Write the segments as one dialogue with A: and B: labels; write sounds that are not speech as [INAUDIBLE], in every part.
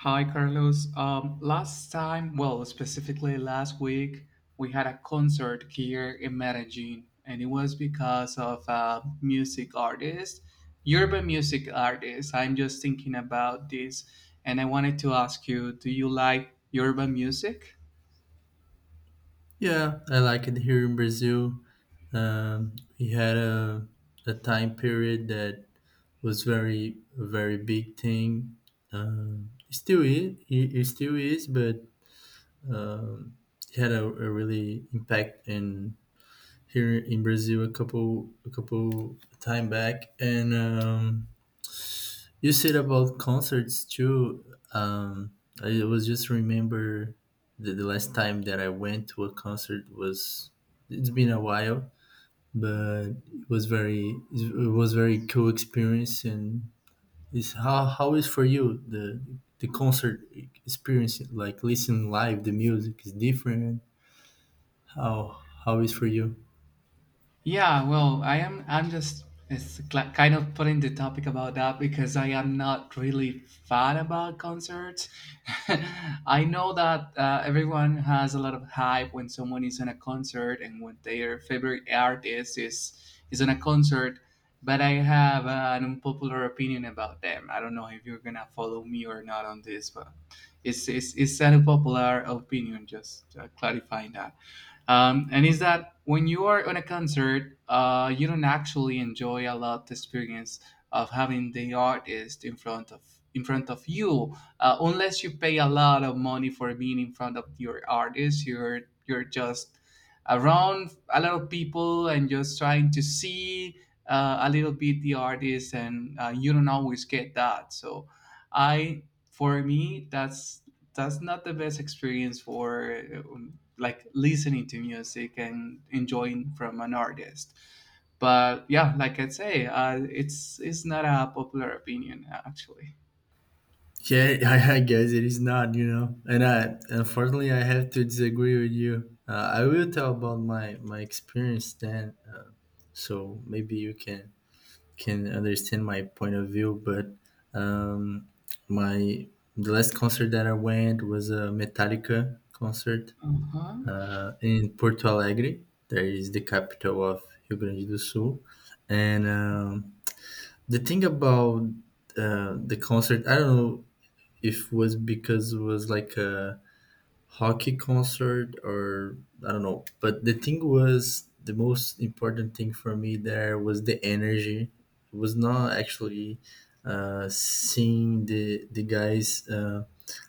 A: Hi, Carlos. Last time, well, specifically last week, we had a concert here in Medellin, and it was because of a music artist, urban music artist. I'm just thinking about this, and I wanted to ask you, do you like urban music?
B: Yeah, I like it here in Brazil. We had a time period that was very a very big thing. It still is, it still is, but um, it had a really impact in here in Brazil a couple time back, and you said about concerts too. Um, I was just remember the last time that I went to a concert was it's been a while, but it was very cool experience. And is how is for you the concert experience like listening live the music is different. How is for you?
A: Yeah, well, I am. I'm just it's cl- kind of putting the topic about that because I am not really fan about concerts. [LAUGHS] I know that everyone has a lot of hype when someone is in a concert and when their favorite artist is in a concert. But I have an unpopular opinion about them. I don't know if you're gonna follow me or not on this, but it's an unpopular opinion. Just clarifying that and is that when you are on a concert you don't actually enjoy a lot the experience of having the artist in front of you unless you pay a lot of money for being in front of your artist you're just around a lot of people and just trying to see a little bit the artist and you don't always get that. So i for me that's not the best experience for like listening to music and enjoying from an artist. But yeah, like I'd say, it's not a popular opinion actually.
B: Yeah, [LAUGHS] guess it is not, you know. And I, unfortunately, I have to disagree with you. I will tell about my experience then, so maybe you can understand my point of view. But um, my the last concert that I went was a Metallica concert
A: Uh-huh.
B: in Porto Alegre. That is the capital of Rio Grande do Sul. And the thing about the concert, I don't know if was because it was like a hockey concert or I don't know. But the thing was the most important thing for me there was the energy. It was not actually seeing the guys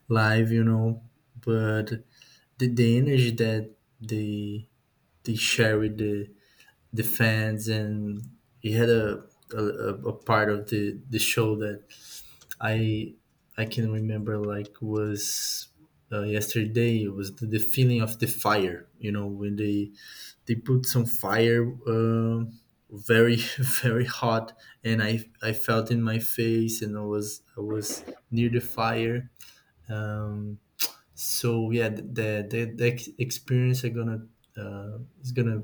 B: live, you know, but the energy that they they share with the fans and he had a a part of the show that I I can remember like was yesterday it was the feeling of the fire. You know when they put some fire um very [LAUGHS] very hot, and I felt in my face, and I was near the fire. Um, so yeah, the experience I gonna is gonna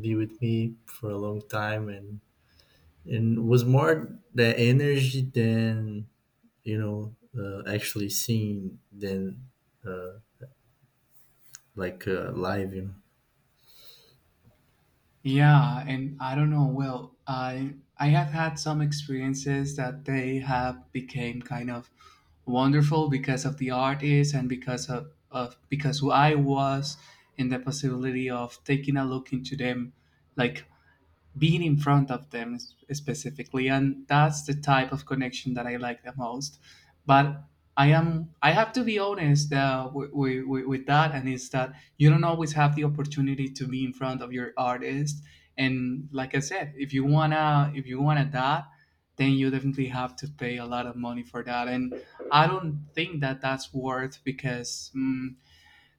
B: be with me for a long time, and was more the energy than you know, actually seeing than uh, like live, you know.
A: Yeah, and I don't know. Well, I have had some experiences that they have became kind of wonderful because of the artists and because of because I was in the possibility of taking a look into them, like being in front of them specifically, and that's the type of connection that I like the most. But I have to be honest with that, and it's that you don't always have the opportunity to be in front of your artist. And like I said, if you wanna that, then you definitely have to pay a lot of money for that, and I don't think that that's worth because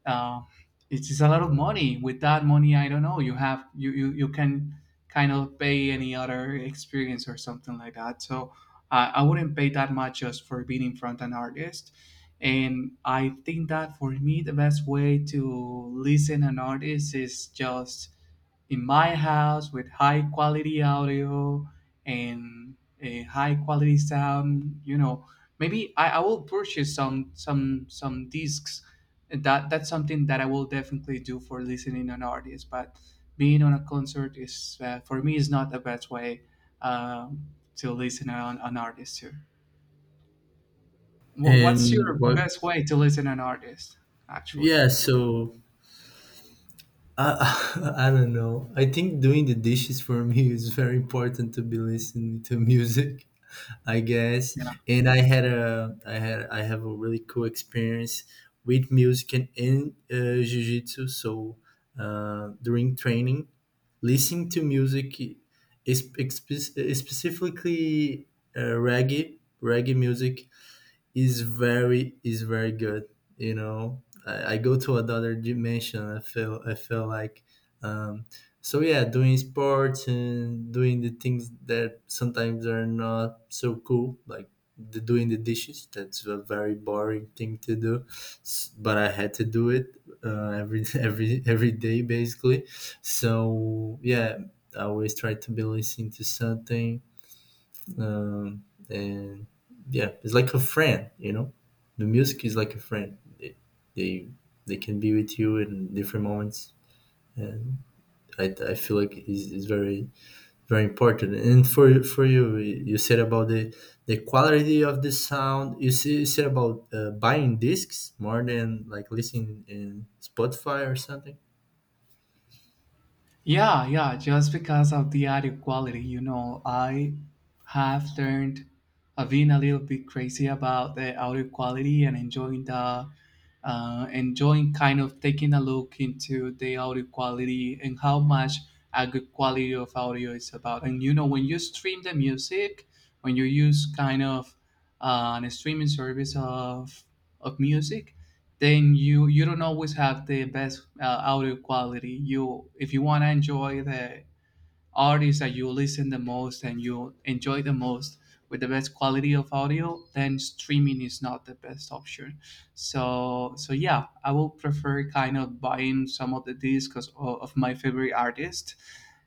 A: uh, it's just a lot of money. With that money, I don't know. You have you you, you can kind of pay any other experience or something like that. So I wouldn't pay that much just for being in front of an artist. And I think that for me, the best way to listen an artist is just in my house with high quality audio and a high quality sound, you know, maybe I will purchase some discs, and that's something that I will definitely do for listening an artist. But being on a concert is for me is not the best way um, to listen on an artist. Too. What's your
B: And what?
A: best way to listen an artist? Actually,
B: Yeah, so I [LAUGHS] I don't know. I think doing the dishes for me is very important to be listening to [LAUGHS] music, I guess.
A: yeah.
B: And I had a I had I have a really cool experience with music and in jiu-jitsu. So during training. Listening to music is specifically reggae music is very good. You know, I go to another dimension. I feel like um, so yeah, doing sports and doing the things that sometimes are not so cool, like doing the dishes. That's a very boring thing to do, but I had to do it every [LAUGHS] every day basically. So yeah, I always try to be listening to something and yeah, it's like a friend, you know. The music is like a friend. They they, they can be with you in different moments, and I feel like it's very important. And for you, you said about the quality of the sound. You, see, you said about buying discs more than like listening in Spotify or something.
A: Yeah, yeah, just because of the audio quality, you know, I have learned, I've been a little bit crazy about the audio quality and enjoying the, enjoying kind of taking a look into the audio quality and how much a good quality of audio is about. And you know, when you stream the music, when you use kind of an streaming service of music, then you don't always have the best audio quality. You, if you want to enjoy the artists that you listen the most and you enjoy the most with the best quality of audio, then streaming is not the best option. So yeah, I will prefer kind of buying some of the discs of my favorite artist,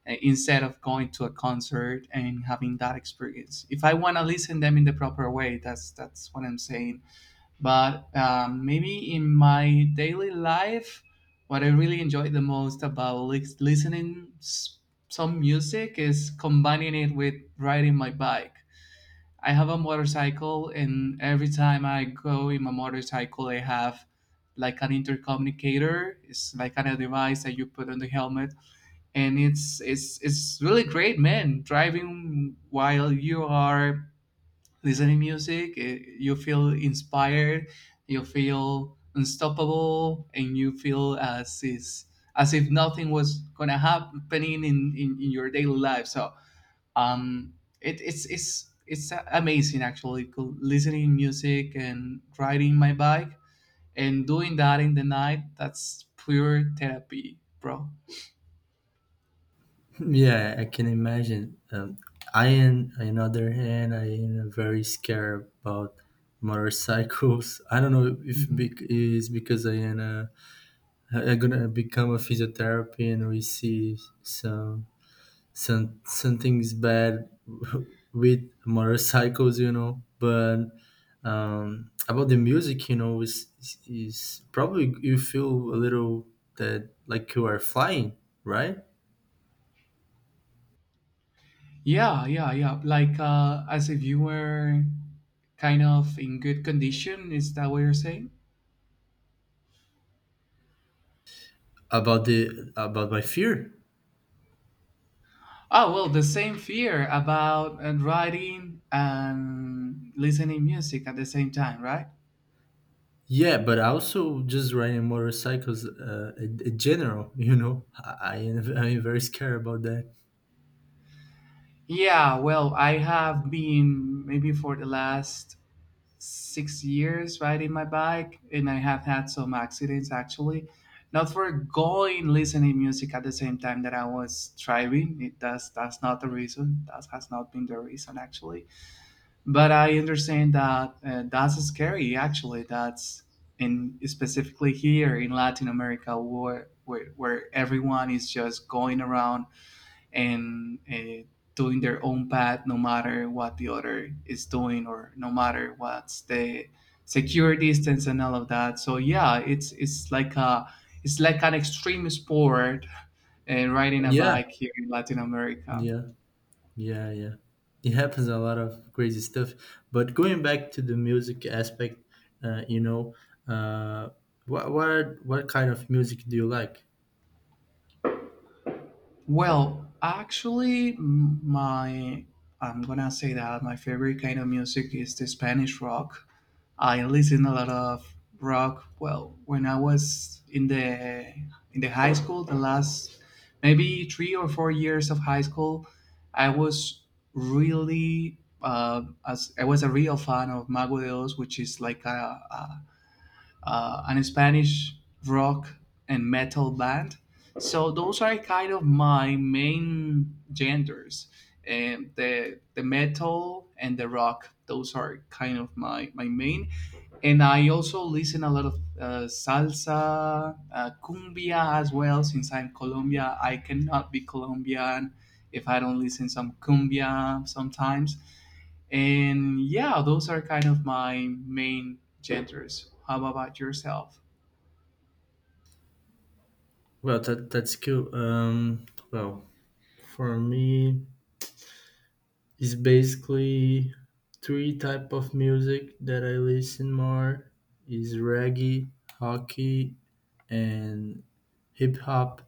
A: instead of going to a concert and having that experience, if I want to listen them in the proper way. That's what I'm saying. But maybe in my daily life, what I really enjoy the most about listening some music is combining it with riding my bike. I have a motorcycle, and every time I go in my motorcycle, I have like an intercommunicator. It's like kind of device that you put on the helmet, and it's really great, man. Driving while you are listening music, you feel inspired, you feel unstoppable, and you feel as if nothing was gonna happening in your daily life. So um it, it's it's it's amazing actually, listening music and riding my bike, and doing that in the night. That's pure therapy, bro.
B: Yeah, I can imagine. Am, on the other hand, I am very scared about motorcycles. [LAUGHS] I don't know if
A: Mhm.
B: is because I am I'm gonna become a physiotherapy, and we see some something's bad [LAUGHS] with motorcycles, you know. But about the music, you know, is probably you feel a little that like you are flying, right?
A: Yeah, yeah, yeah, like as if you were kind of in good condition, is that what you're saying?
B: About the about my fear,
A: Oh well, the same fear about writing and listening music at the same time, right?
B: yeah, but I also just riding motorcycles in general. [LAUGHS] You know, I'm very scared about that.
A: Yeah, well, I have been maybe for the last 6 years riding my bike, and I have had some accidents actually. Not for going listening music at the same time that I was driving. It, that's not the reason. That has not been the reason actually. But I understand that that's scary. Actually, that's in specifically here in Latin America, where where everyone is just going around and doing their own path, no matter what the other is doing, or no matter what's the secure distance and all of that. So yeah, it's like a it's like an extreme sport and riding a
B: Yeah.
A: bike here in Latin America.
B: Yeah. Yeah. It happens a lot of crazy stuff, but going back to the music aspect, you know, uh, what what kind of music do you like?
A: Well, actually, m- my I'm gonna say that my favorite kind of music is the Spanish rock. I listened a lot of rock. Well, when I was in the high school, the last maybe 3 or 4 years of high school, I was really as I was a real fan of Mago de Oz, which is like a Spanish rock and metal band. So those are kind of my main genders. And the metal and the rock, those are kind of my main. And I also listen a lot of salsa, cumbia as well. Since I'm Colombia, I cannot be Colombian if I don't listen some cumbia sometimes. And yeah, those are kind of my main genders. How about yourself?
B: That, that's cool. Well, for me it's basically three type of music that I listen more is reggae, hockey, and hip hop.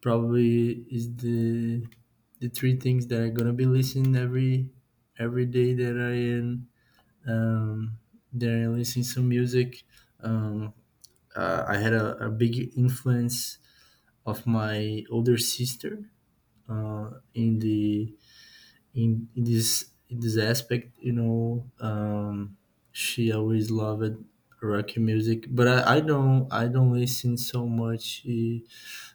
B: Probably is the three things that are gonna be listening every day that I am um, that I listen some music. Um, I had a big influence of my older sister uh, in the in this aspect, you know. She always loved rock music, but I don't listen so much eh,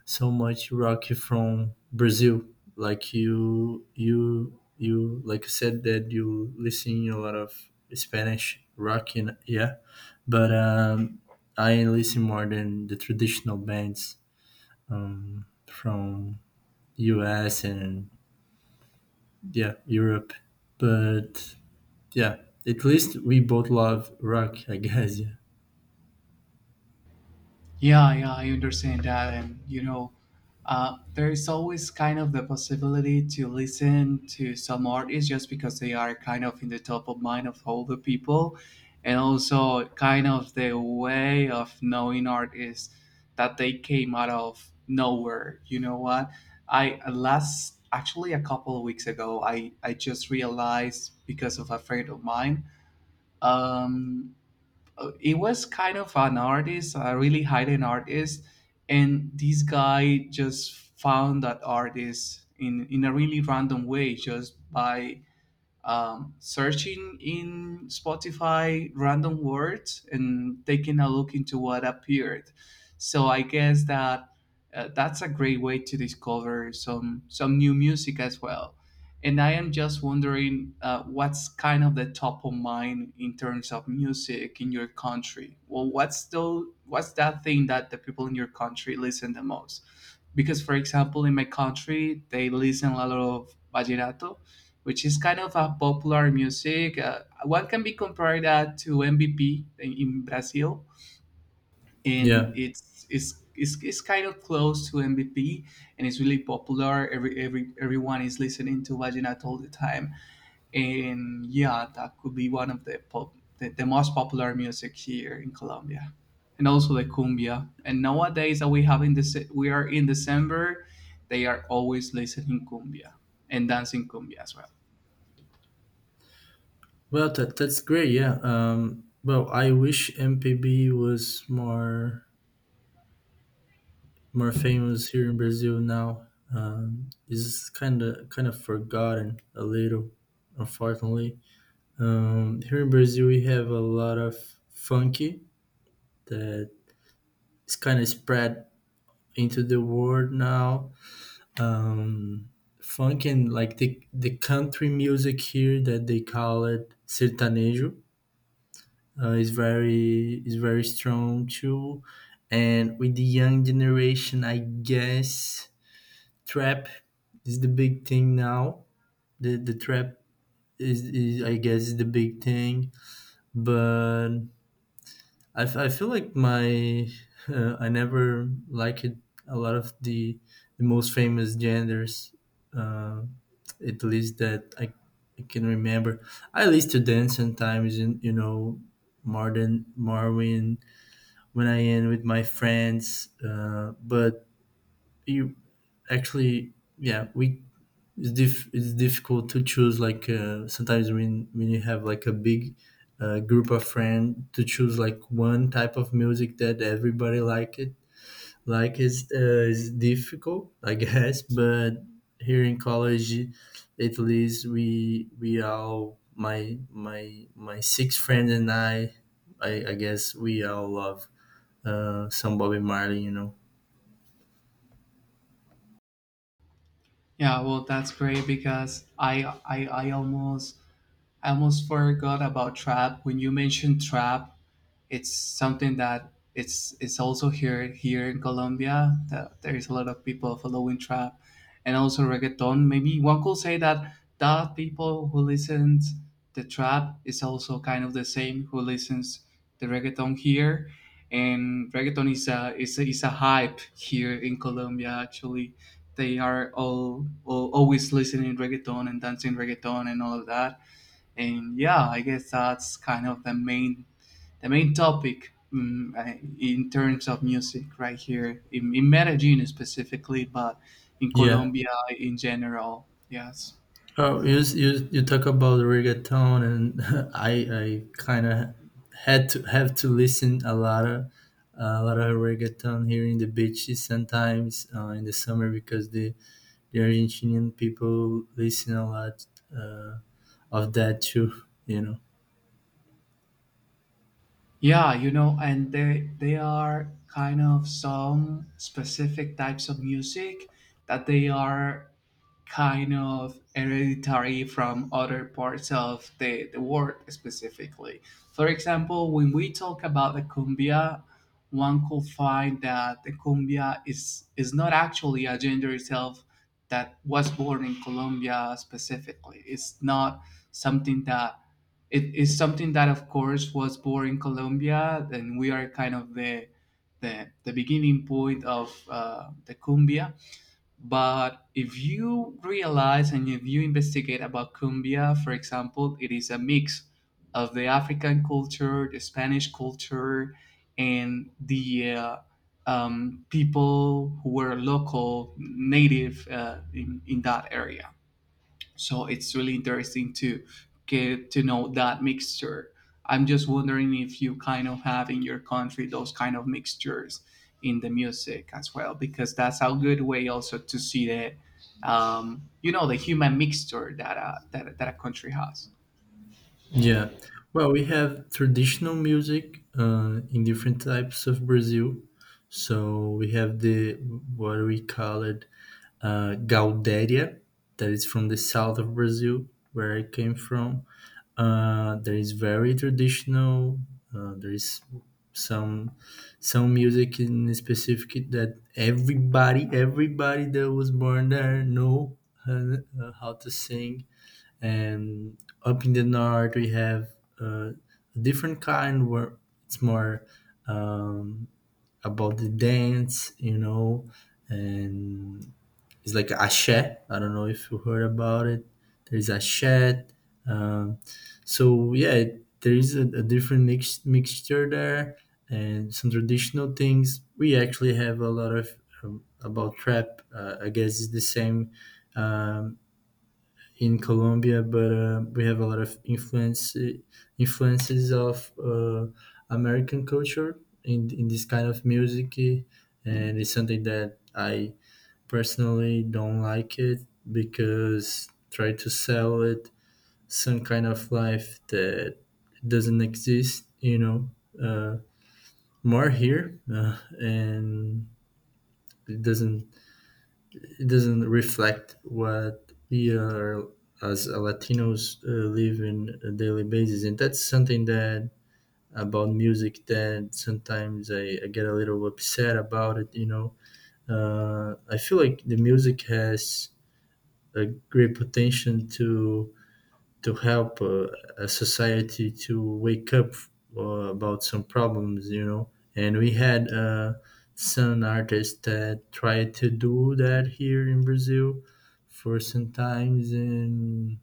B: so much rock from Brazil. Like you like you said that you listen a lot of Spanish rock, and yeah, but I listen more than the traditional bands from US and yeah Europe, but yeah, at least we both love rock, I guess. [LAUGHS]
A: Yeah, yeah, I understand that. And, you know, there is always kind of the possibility to listen to some artists just because they are kind of in the top of mind of all the people. And also, kind of the way of knowing art is that they came out of nowhere. You know what? I last, actually, a couple of weeks ago, I just realized because of a friend of mine. Um, it was kind of an artist, a really hidden artist, and this guy just found that artist in a really random way, just by searching in Spotify random words and taking a look into what appeared. So I guess that that's a great way to discover some new music as well. And I am just wondering what's kind of the top of mind in terms of music in your country. Well, what's the what's that thing that the people in your country listen the most? Because, for example, in my country, they listen a lot of vallenato, which is kind of a popular music. One can be compared that to MVP in Brazil,
B: Yeah.
A: and
B: Yeah.
A: it's kind of close to MVP, and it's really popular. Everyone is listening to Vaginato all the time, and yeah, that could be one of the most popular music here in Colombia, and also the cumbia. And nowadays that we have in this, we are in December, they are always listening cumbia and dancing cumbia as well.
B: Well, that's great. Yeah. Well, I wish MPB was more famous here in Brazil now. It's kind of forgotten a little, unfortunately. Here in Brazil, we have a lot of funky that is kind of spread into the world now. um, funk and like the country music here that they call it sertanejo is very strong too, and with the young generation, I guess trap is the big thing now. The trap is I guess is the big thing, but I feel like my [LAUGHS] I never liked a lot of the most famous genders. Uh, at least that I can remember. I used to dance sometimes, in, you know, more when I am with my friends. But you actually, yeah, we it's, diff it's difficult to choose. Like sometimes when you have like a big group of friends, to choose like one type of music that everybody like it like it's difficult, I guess. [LAUGHS] But here in college, at least we all my 6 friends and I guess we all love some Bobby Marley, you know.
A: Yeah, well, that's great because I almost forgot about trap. When you mentioned trap, it's something that it's also here in Colombia. That there is a lot of people following trap, and also reggaeton. Maybe one could say that the people who listens the trap is also kind of the same who listens the reggaeton here, and reggaeton is a hype here in Colombia. Actually, they are all always listening reggaeton and dancing reggaeton and all of that. And yeah, I guess that's kind of the main topic, in terms of music right here in Medellin specifically, but in
B: Yeah.
A: Colombia in general, yes.
B: Oh, you talk about reggaeton and [LAUGHS] I I kind of had to have to listen a lot of reggaeton here in the beaches sometimes in the summer because the Argentinian people listen a lot uh, of that too, you know.
A: Yeah, you know, and they are kind of some specific types of music that they are kind of hereditary from other parts of the world specifically. For example, when we talk about the cumbia, one could find that the cumbia is not actually a gender itself that was born in Colombia specifically. It's not something that It is something that, of course, was born in Colombia, and we are kind of the the beginning point of the cumbia. But if you realize and if you investigate about cumbia, for example, it is a mix of the African culture, the Spanish culture, and the people who were local, native, in that area. So it's really interesting to get to know that mixture. I'm just wondering if you kind of have in your country those kind of mixtures in the music as well, because that's a good way also to see the human mixture that that a country has.
B: Yeah. Well, we have traditional music in different types of Brazil. So we have the what we call it Gaudéria, that is from the south of Brazil, where I came from. There is very traditional. There is some some music in specific that everybody that was born there know how to sing, and up in the north we have uh, a different kind where it's more um, about the dance, you know. And it's like ashe, I don't know if you heard about it. There's ashe. um, so yeah, there is a different mixture there, and some traditional things. We actually have a lot of about trap, I guess it's the same um, in Colombia, but we have a lot of influences of American culture in this kind of music, and it's something that I personally don't like it because try to sell it some kind of life that doesn't exist, you know, uh, more here, and it doesn't it doesn't reflect what we are as Latinos live in a daily basis, and that's something that about music that sometimes I get a little upset about it. You know, I feel like the music has a great potential to help a society to wake up about some problems, you know. And we had some artists that tried to do that here in Brazil for some times, and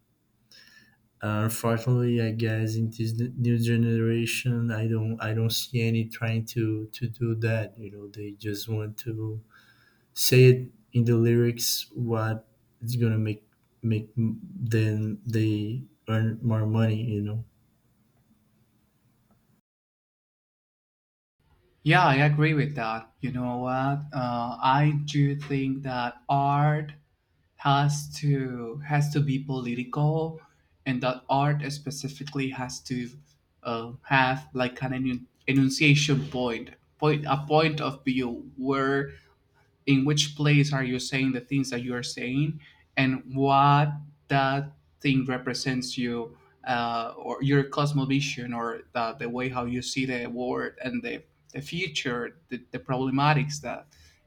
B: unfortunately, I guess in this new generation, I don't see any trying to do that. You know, they just want to say it in the lyrics what it's gonna make then they earn more money, you know.
A: Yeah, I agree with that. You know what? I do think that art has to be political, and that art specifically has to have like an enunciation point, point a point of view, where in which place are you saying the things that you are saying, and what that thing represents you, or your cosmovision, or the way how you see the world and the future, the problematics that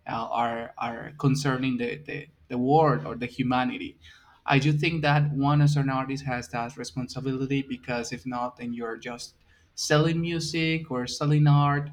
A: are concerning the world or the humanity. I do think that one as an artist has that responsibility, because if not, then you're just selling music or selling art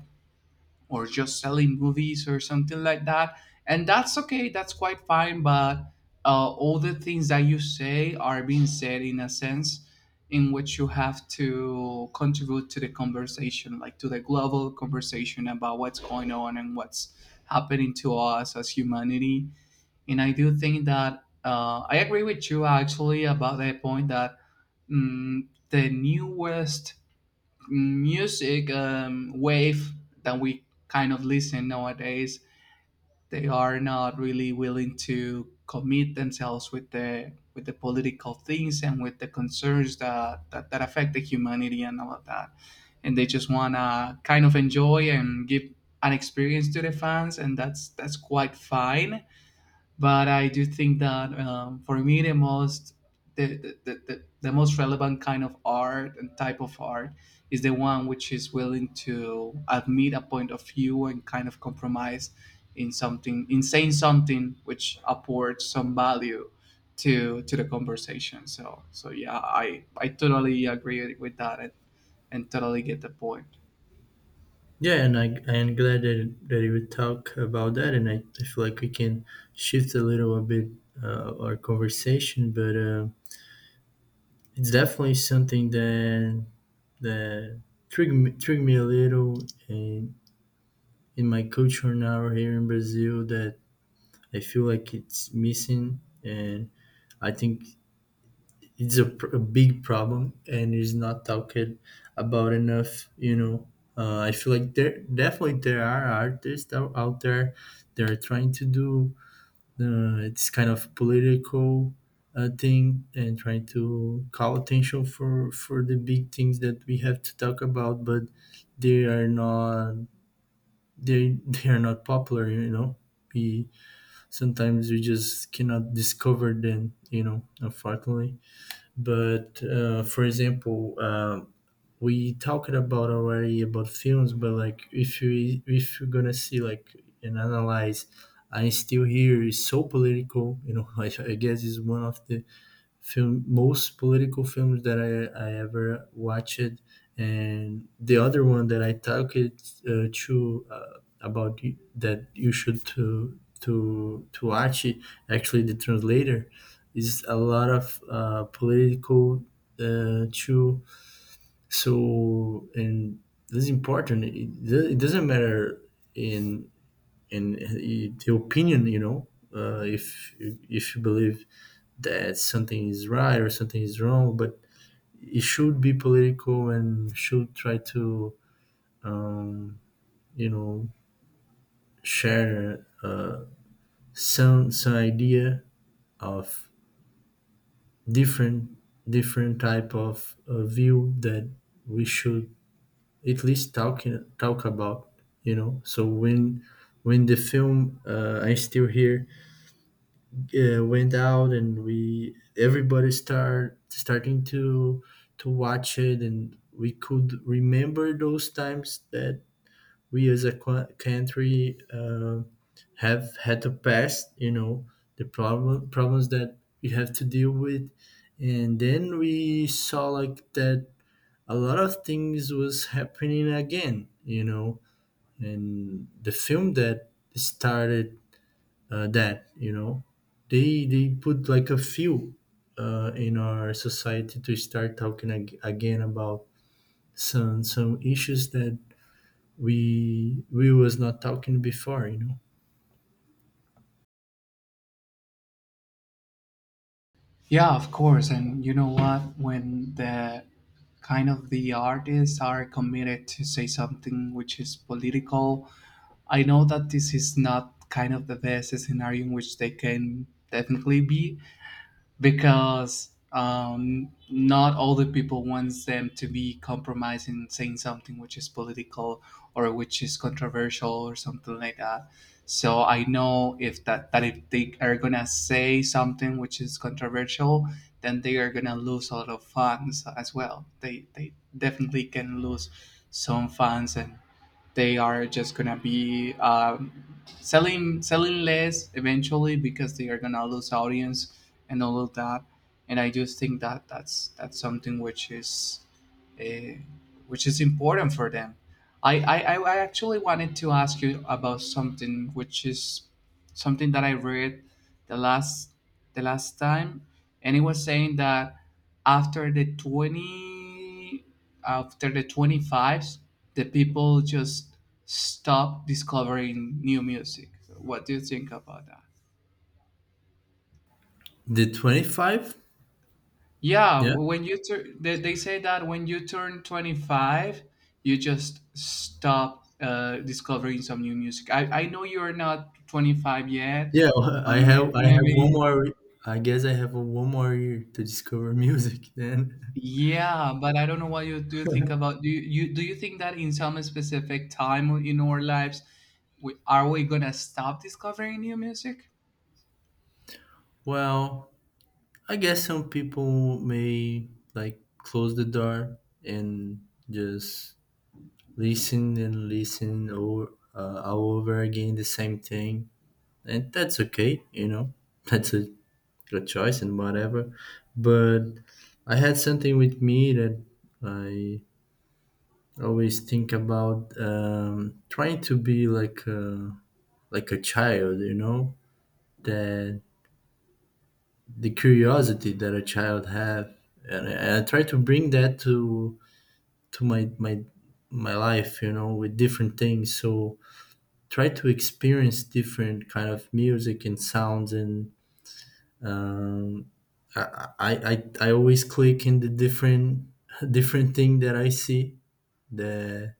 A: or just selling movies or something like that. And that's okay, that's quite fine. But all the things that you say are being said in a sense in which you have to contribute to the conversation, like to the global conversation about what's going on and what's happening to us as humanity. And I do think that, I agree with you actually about the point that, the newest music wave that we kind of listen nowadays, they are not really willing to commit themselves with the political things and with the concerns that that affect the humanity and all of that. And they just want to kind of enjoy and give an experience to the fans, and that's quite fine. But I do think that, for me, the most relevant kind of art and type of art is the one which is willing to admit a point of view and kind of compromise in something, in saying something which apports some value to the conversation. So so yeah, I totally agree with that, and totally get the point.
B: Yeah, and I'm glad that you would talk about that, and I feel like we can shift a little bit our conversation, but it's definitely something that that triggered me a little in in my culture now here in Brazil that I feel like it's missing, and I think it's a big problem and is not talked about enough, you know. I feel like there definitely there are artists out there that are trying to do this kind of political thing and trying to call attention for the big things that we have to talk about, but they are not they [LAUGHS] they are not popular, you know. We sometimes we just cannot discover them, you know, unfortunately. But for example, we talked about already about films, but like if you if you're gonna see like and analyze, I'm Still Here is so political. You know, [LAUGHS] I guess is one of the film most political films that I ever watched, and the other one that I talked to about that you should to watch it, actually the translator is a lot of political too. So and this is important. It it doesn't matter in in the opinion, you know, if you believe that something is right or something is wrong, but it should be political and should try to um, you know share some idea of different different type of view that we should at least talk about, you know. So when the film I'm still here went out, and we everybody starting to watch it, and we could remember those times that we as a country have had to pass, you know, the problems that we have to deal with. And then we saw like that a lot of things was happening again, you know, and the film that started, that, they put like a few in our society to start talking again about some issues that we was not talking before.
A: Yeah, of course. And you know what? When the kind of the artists are committed to say something which is political, I know that this is not kind of the best scenario in which they can definitely be, because, not all the people wants them to be compromising, saying something which is political or which is controversial or something like that. So I know if that that if they are gonna say something which is controversial, then they are gonna lose a lot of fans as well. They definitely can lose some fans, and they are just gonna be, selling less eventually, because they are gonna lose audience and all of that. And I just think that that's something which is, uh, which is important for them. I actually wanted to ask you about something, which is something that I read the last the last time, and it was saying that after the twenty after the 20 fives, the people just stop discovering new music. What do you think about that?
B: The 25.
A: Yeah,
B: Yeah,
A: when you turn, they say that when you turn 25, you just stop discovering some new music. I know you're not 25 yet,
B: yeah. [LAUGHS]
A: but
B: i have i have one
A: maybe.
B: more. I guess I have one more year to discover music then. [LAUGHS]
A: Yeah. But I don't know what you do think about. Do you, do you think that in some specific time in our lives, are we gonna stop discovering new music?
B: Well, I guess some people may like close the door and just listen and listen over, all over again the same thing. And that's okay, you know. [LAUGHS] That's a good choice and whatever. But I had something with me that I always think about, trying to be like a, child, you know, that the curiosity that a child have, and I try to bring that to my my life, you know, with different things. So try to experience different kind of music and sounds, and um, I always click in the different [LAUGHS] different thing that I see, that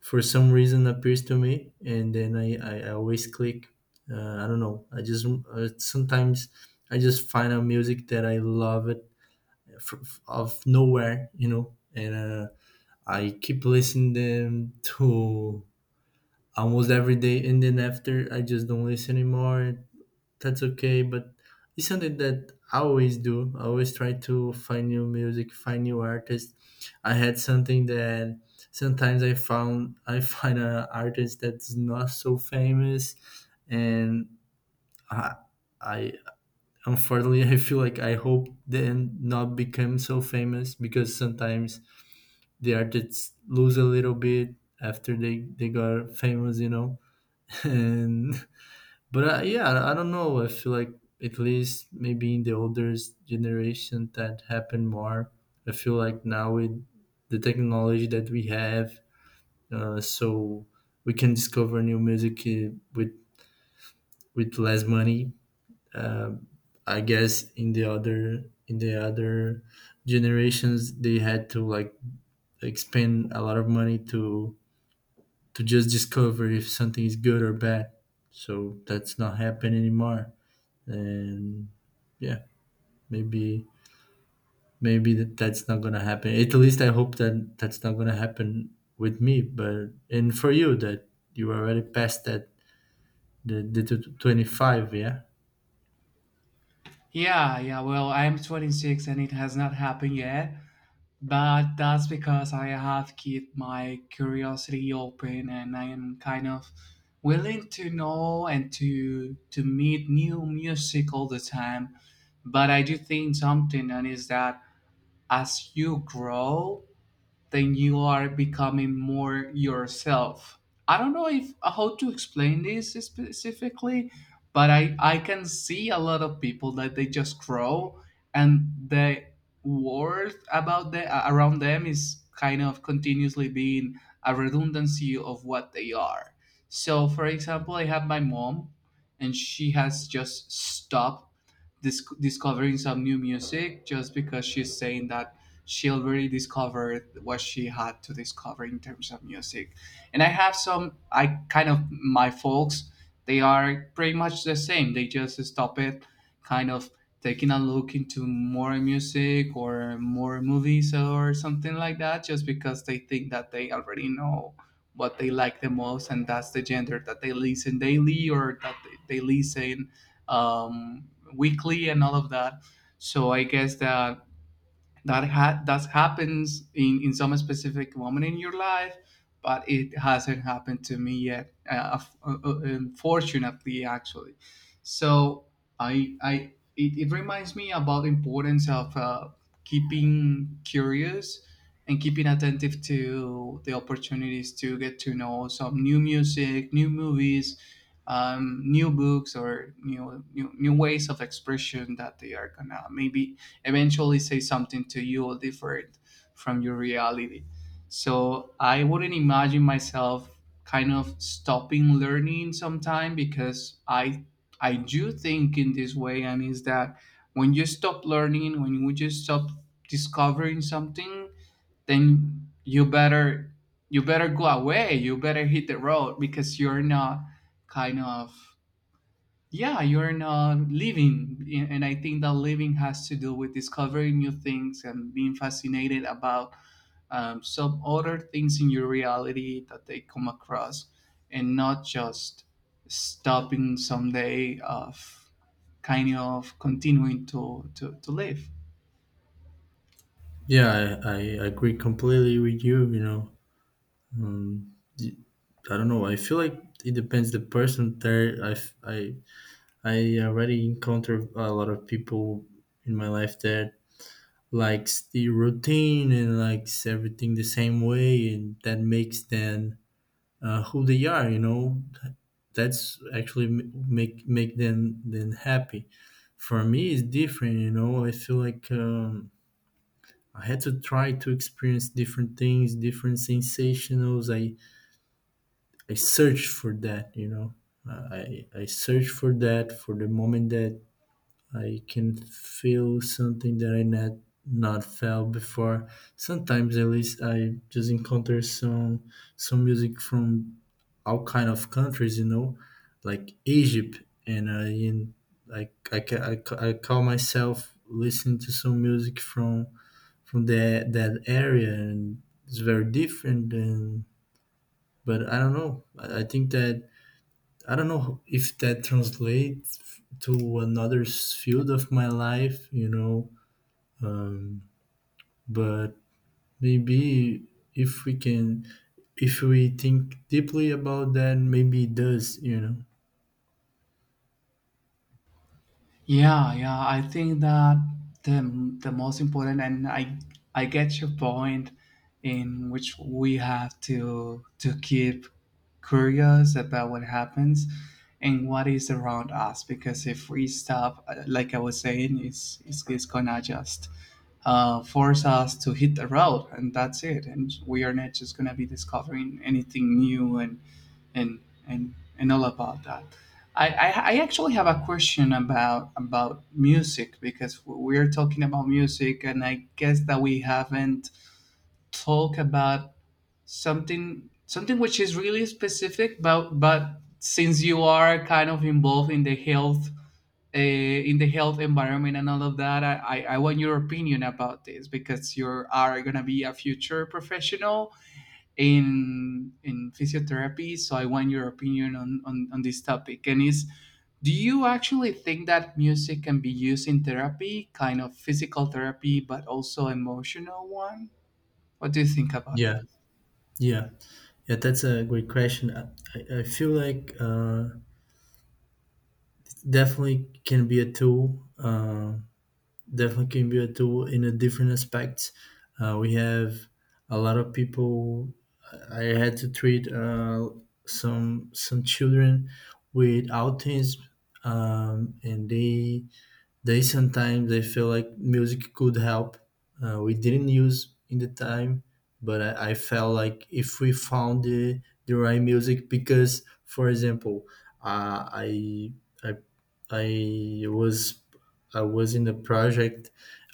B: for some reason appears to me. And then I always click, I don't know. I just sometimes I just find a music that I love it of nowhere, you know, and I keep listening them to almost every day, and then after, I just don't listen anymore. That's okay, but it's something that I always do? I always try to find new music, find new artists. I had something that sometimes I found I [LAUGHS] find an artist that's not so famous, and I, I unfortunately, I feel like I hope they not become so famous, because sometimes the artists lose a little bit after they got famous, you know. [LAUGHS] and but yeah, I don't know. I feel like at least maybe in the older generation that happened more. I feel like now with the technology that we have, so we can discover new music with less money. Um I guess in the other generations they had to like expend a lot of money to just discover if something is good or bad. So that's not happening anymore. And yeah, maybe that that's not gonna happen. At least I hope that that's not gonna happen with me. But and for you that you already passed that, the, 25. Yeah.
A: Yeah, yeah. Well, I'm 26 and it has not happened yet. But that's because I have kept my curiosity open and I am kind of willing to know and to meet new music all the time. But I do think something, and is that as you grow, then you are becoming more yourself. I don't know if how to explain this specifically, but I can see a lot of people that they just grow, and the world about the around them is kind of continuously being a redundancy of what they are. So, for example, I have my mom, and she has just stopped discovering some new music, just because she's saying that she already discovered what she had to discover in terms of music. And I have some, I kind of, my folks, they are pretty much the same. They just stop it, kind of taking a look into more music or more movies or something like that, just because they think that they already know what they like the most, and that's the gender that they listen daily, or that they listen, weekly, and all of that. So I guess that that happens in some specific moment in your life, but it hasn't happened to me yet, unfortunately, actually. So I it, it reminds me about the importance of, keeping curious and keeping attentive to the opportunities to get to know some new music, new movies, new books, or new ways of expression that they are gonna maybe eventually say something to you different from your reality. So I wouldn't imagine myself kind of stopping learning sometime, because I do think in this way, and is that when you stop learning, when you just stop discovering something, then you better, you better go away, you better hit the road, because you're not kind of, yeah, you're not living. And I think that living has to do with discovering new things and being fascinated about, some other things in your reality that they come across, and not just stopping someday of kind of continuing to to live.
B: Yeah, I agree completely with you you know um, y- I don't know. I feel like it depends the person there. I f- I already encountered a lot of people in my life that likes the routine and likes everything the same way, and that makes them who they are. That's actually make them then happy. For me it's different, you know. I feel like, I had to try to experience different things, different sensationals. I search for that, you know. I search for that for the moment that I can feel something that I not felt before. Sometimes at least I just encounter some music from all kind of countries, you know, like Egypt, and I in I I, ca- I, ca- I call myself listening to some music from that area, and it's very different. And But I don't know. I think that I don't know if that translates to another field of my life, um, but maybe if we can, if we think deeply about that, maybe it does, you know?
A: Yeah, yeah. I think that the most important, and I get your point, in which we have to keep curious about what happens and what is around us. Because if we stop, like I was saying, it's gonna just, force us to hit the road, and that's it. And we are not just gonna be discovering anything new, and and all about that. I, I, I actually have a question about music, because we're talking about music and I guess that we haven't talked about something which is really specific, but since you are kind of involved in the health, in the health environment and all of that, I want your opinion about this, because you are going to be a future professional in physiotherapy. So I want your opinion on on this topic. And is, do you actually think that music can be used in therapy, kind of physical therapy, but also emotional one? What do you think about that?
B: Yeah, yeah, yeah. That's a great question. I feel like definitely can be a tool. Definitely can be a tool in a different aspect. We have a lot of people. I had to treat some children with autism, and they sometimes I feel like music could help. We didn't use in the time, but I felt like if we found the right music, because for example, uh, I I I was I was in a project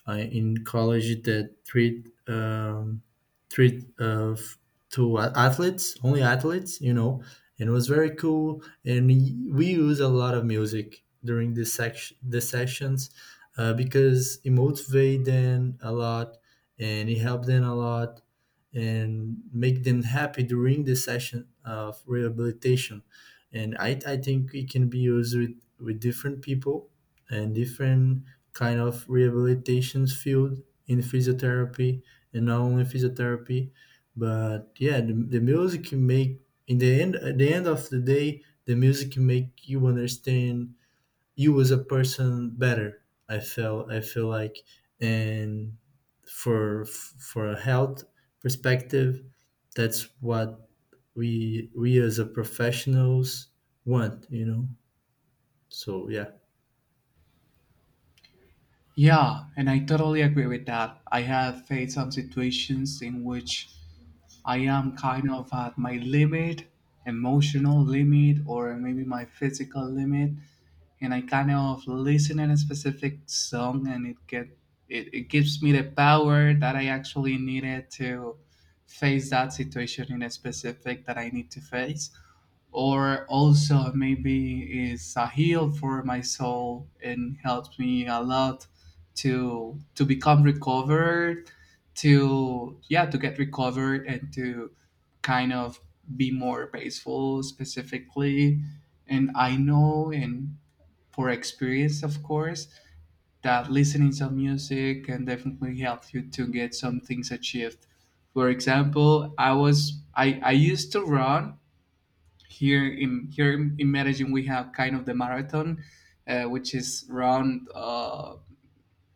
B: in college that treat treat uh, f- athletes, only athletes, you know, and it was very cool, and we use a lot of music during this section the sessions, because it motivates them a lot and it helps them a lot, and make them happy during the session of rehabilitation. And I think it can be used with different people and different kind of rehabilitations field in physiotherapy, and not only physiotherapy. But yeah, the music can make in the end at the end of the day, the music make you understand you as a person better. I feel like, and for a health perspective, that's what we as a professionals want. You know. So yeah.
A: Yeah, and I totally agree with that. I have faced some situations in which I am kind of at my limit, emotional limit, or maybe my physical limit, and I kind of listen in a specific song, and it, it gives me the power that I actually needed to face that situation in a specific that I need to face, or also maybe it's a heal for my soul and helps me a lot to become recovered, to, yeah, to get recovered, and to kind of be more peaceful specifically. And I know, and for experience, of course, that listening some music can definitely help you to get some things achieved. For example, I was, I used to run here in Medellin. We have kind of the marathon, which is run, uh,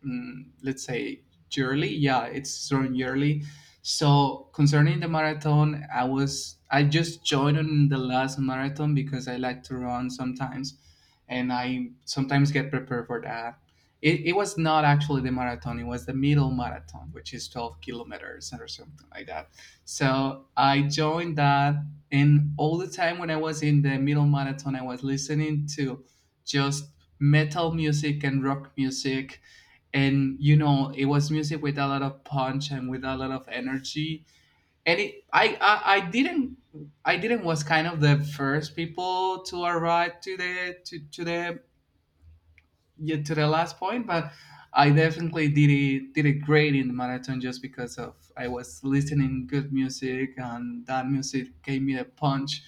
A: mm, let's say, yearly. Yeah, it's run yearly. So concerning the marathon, I was, I just joined on the last marathon because I like to run sometimes, and I sometimes get prepared for that. It was not actually the marathon; it was the middle marathon, which is 12 kilometers or something like that. So I joined that, and all the time when I was in the middle marathon, I was listening to just metal music and rock music. And you know, it was music with a lot of punch and with a lot of energy, and I didn't, I didn't was kind of the first people to arrive to to the, yeah, to the last point. But I definitely did it, great in the marathon, just because of, I was listening good music, and that music gave me a punch.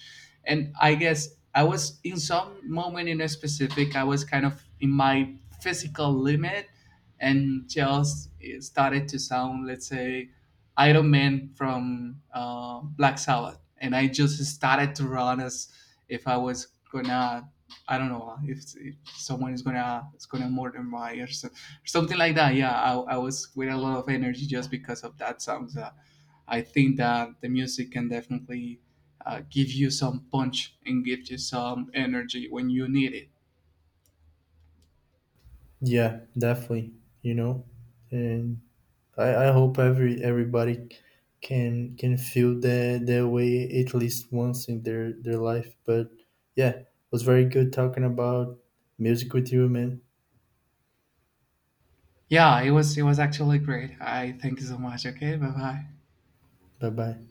A: And I guess I was in some moment in a specific, I was kind of in my physical limit, and just it started to sound, let's say, Iron Man from, Black Sabbath, and I just started to run as if I was gonna, I don't know, if someone is gonna, murder my or so, something like that. Yeah, I was with a lot of energy just because of that song. So I think that the music can definitely, give you some punch and give you some energy when you need it.
B: Yeah, definitely. You know, and I hope everybody can feel that way at least once in their life. But yeah, it was very good talking about music with you, man.
A: Yeah, it was, it was actually great. I thank you so much. Okay, bye bye.
B: Bye bye.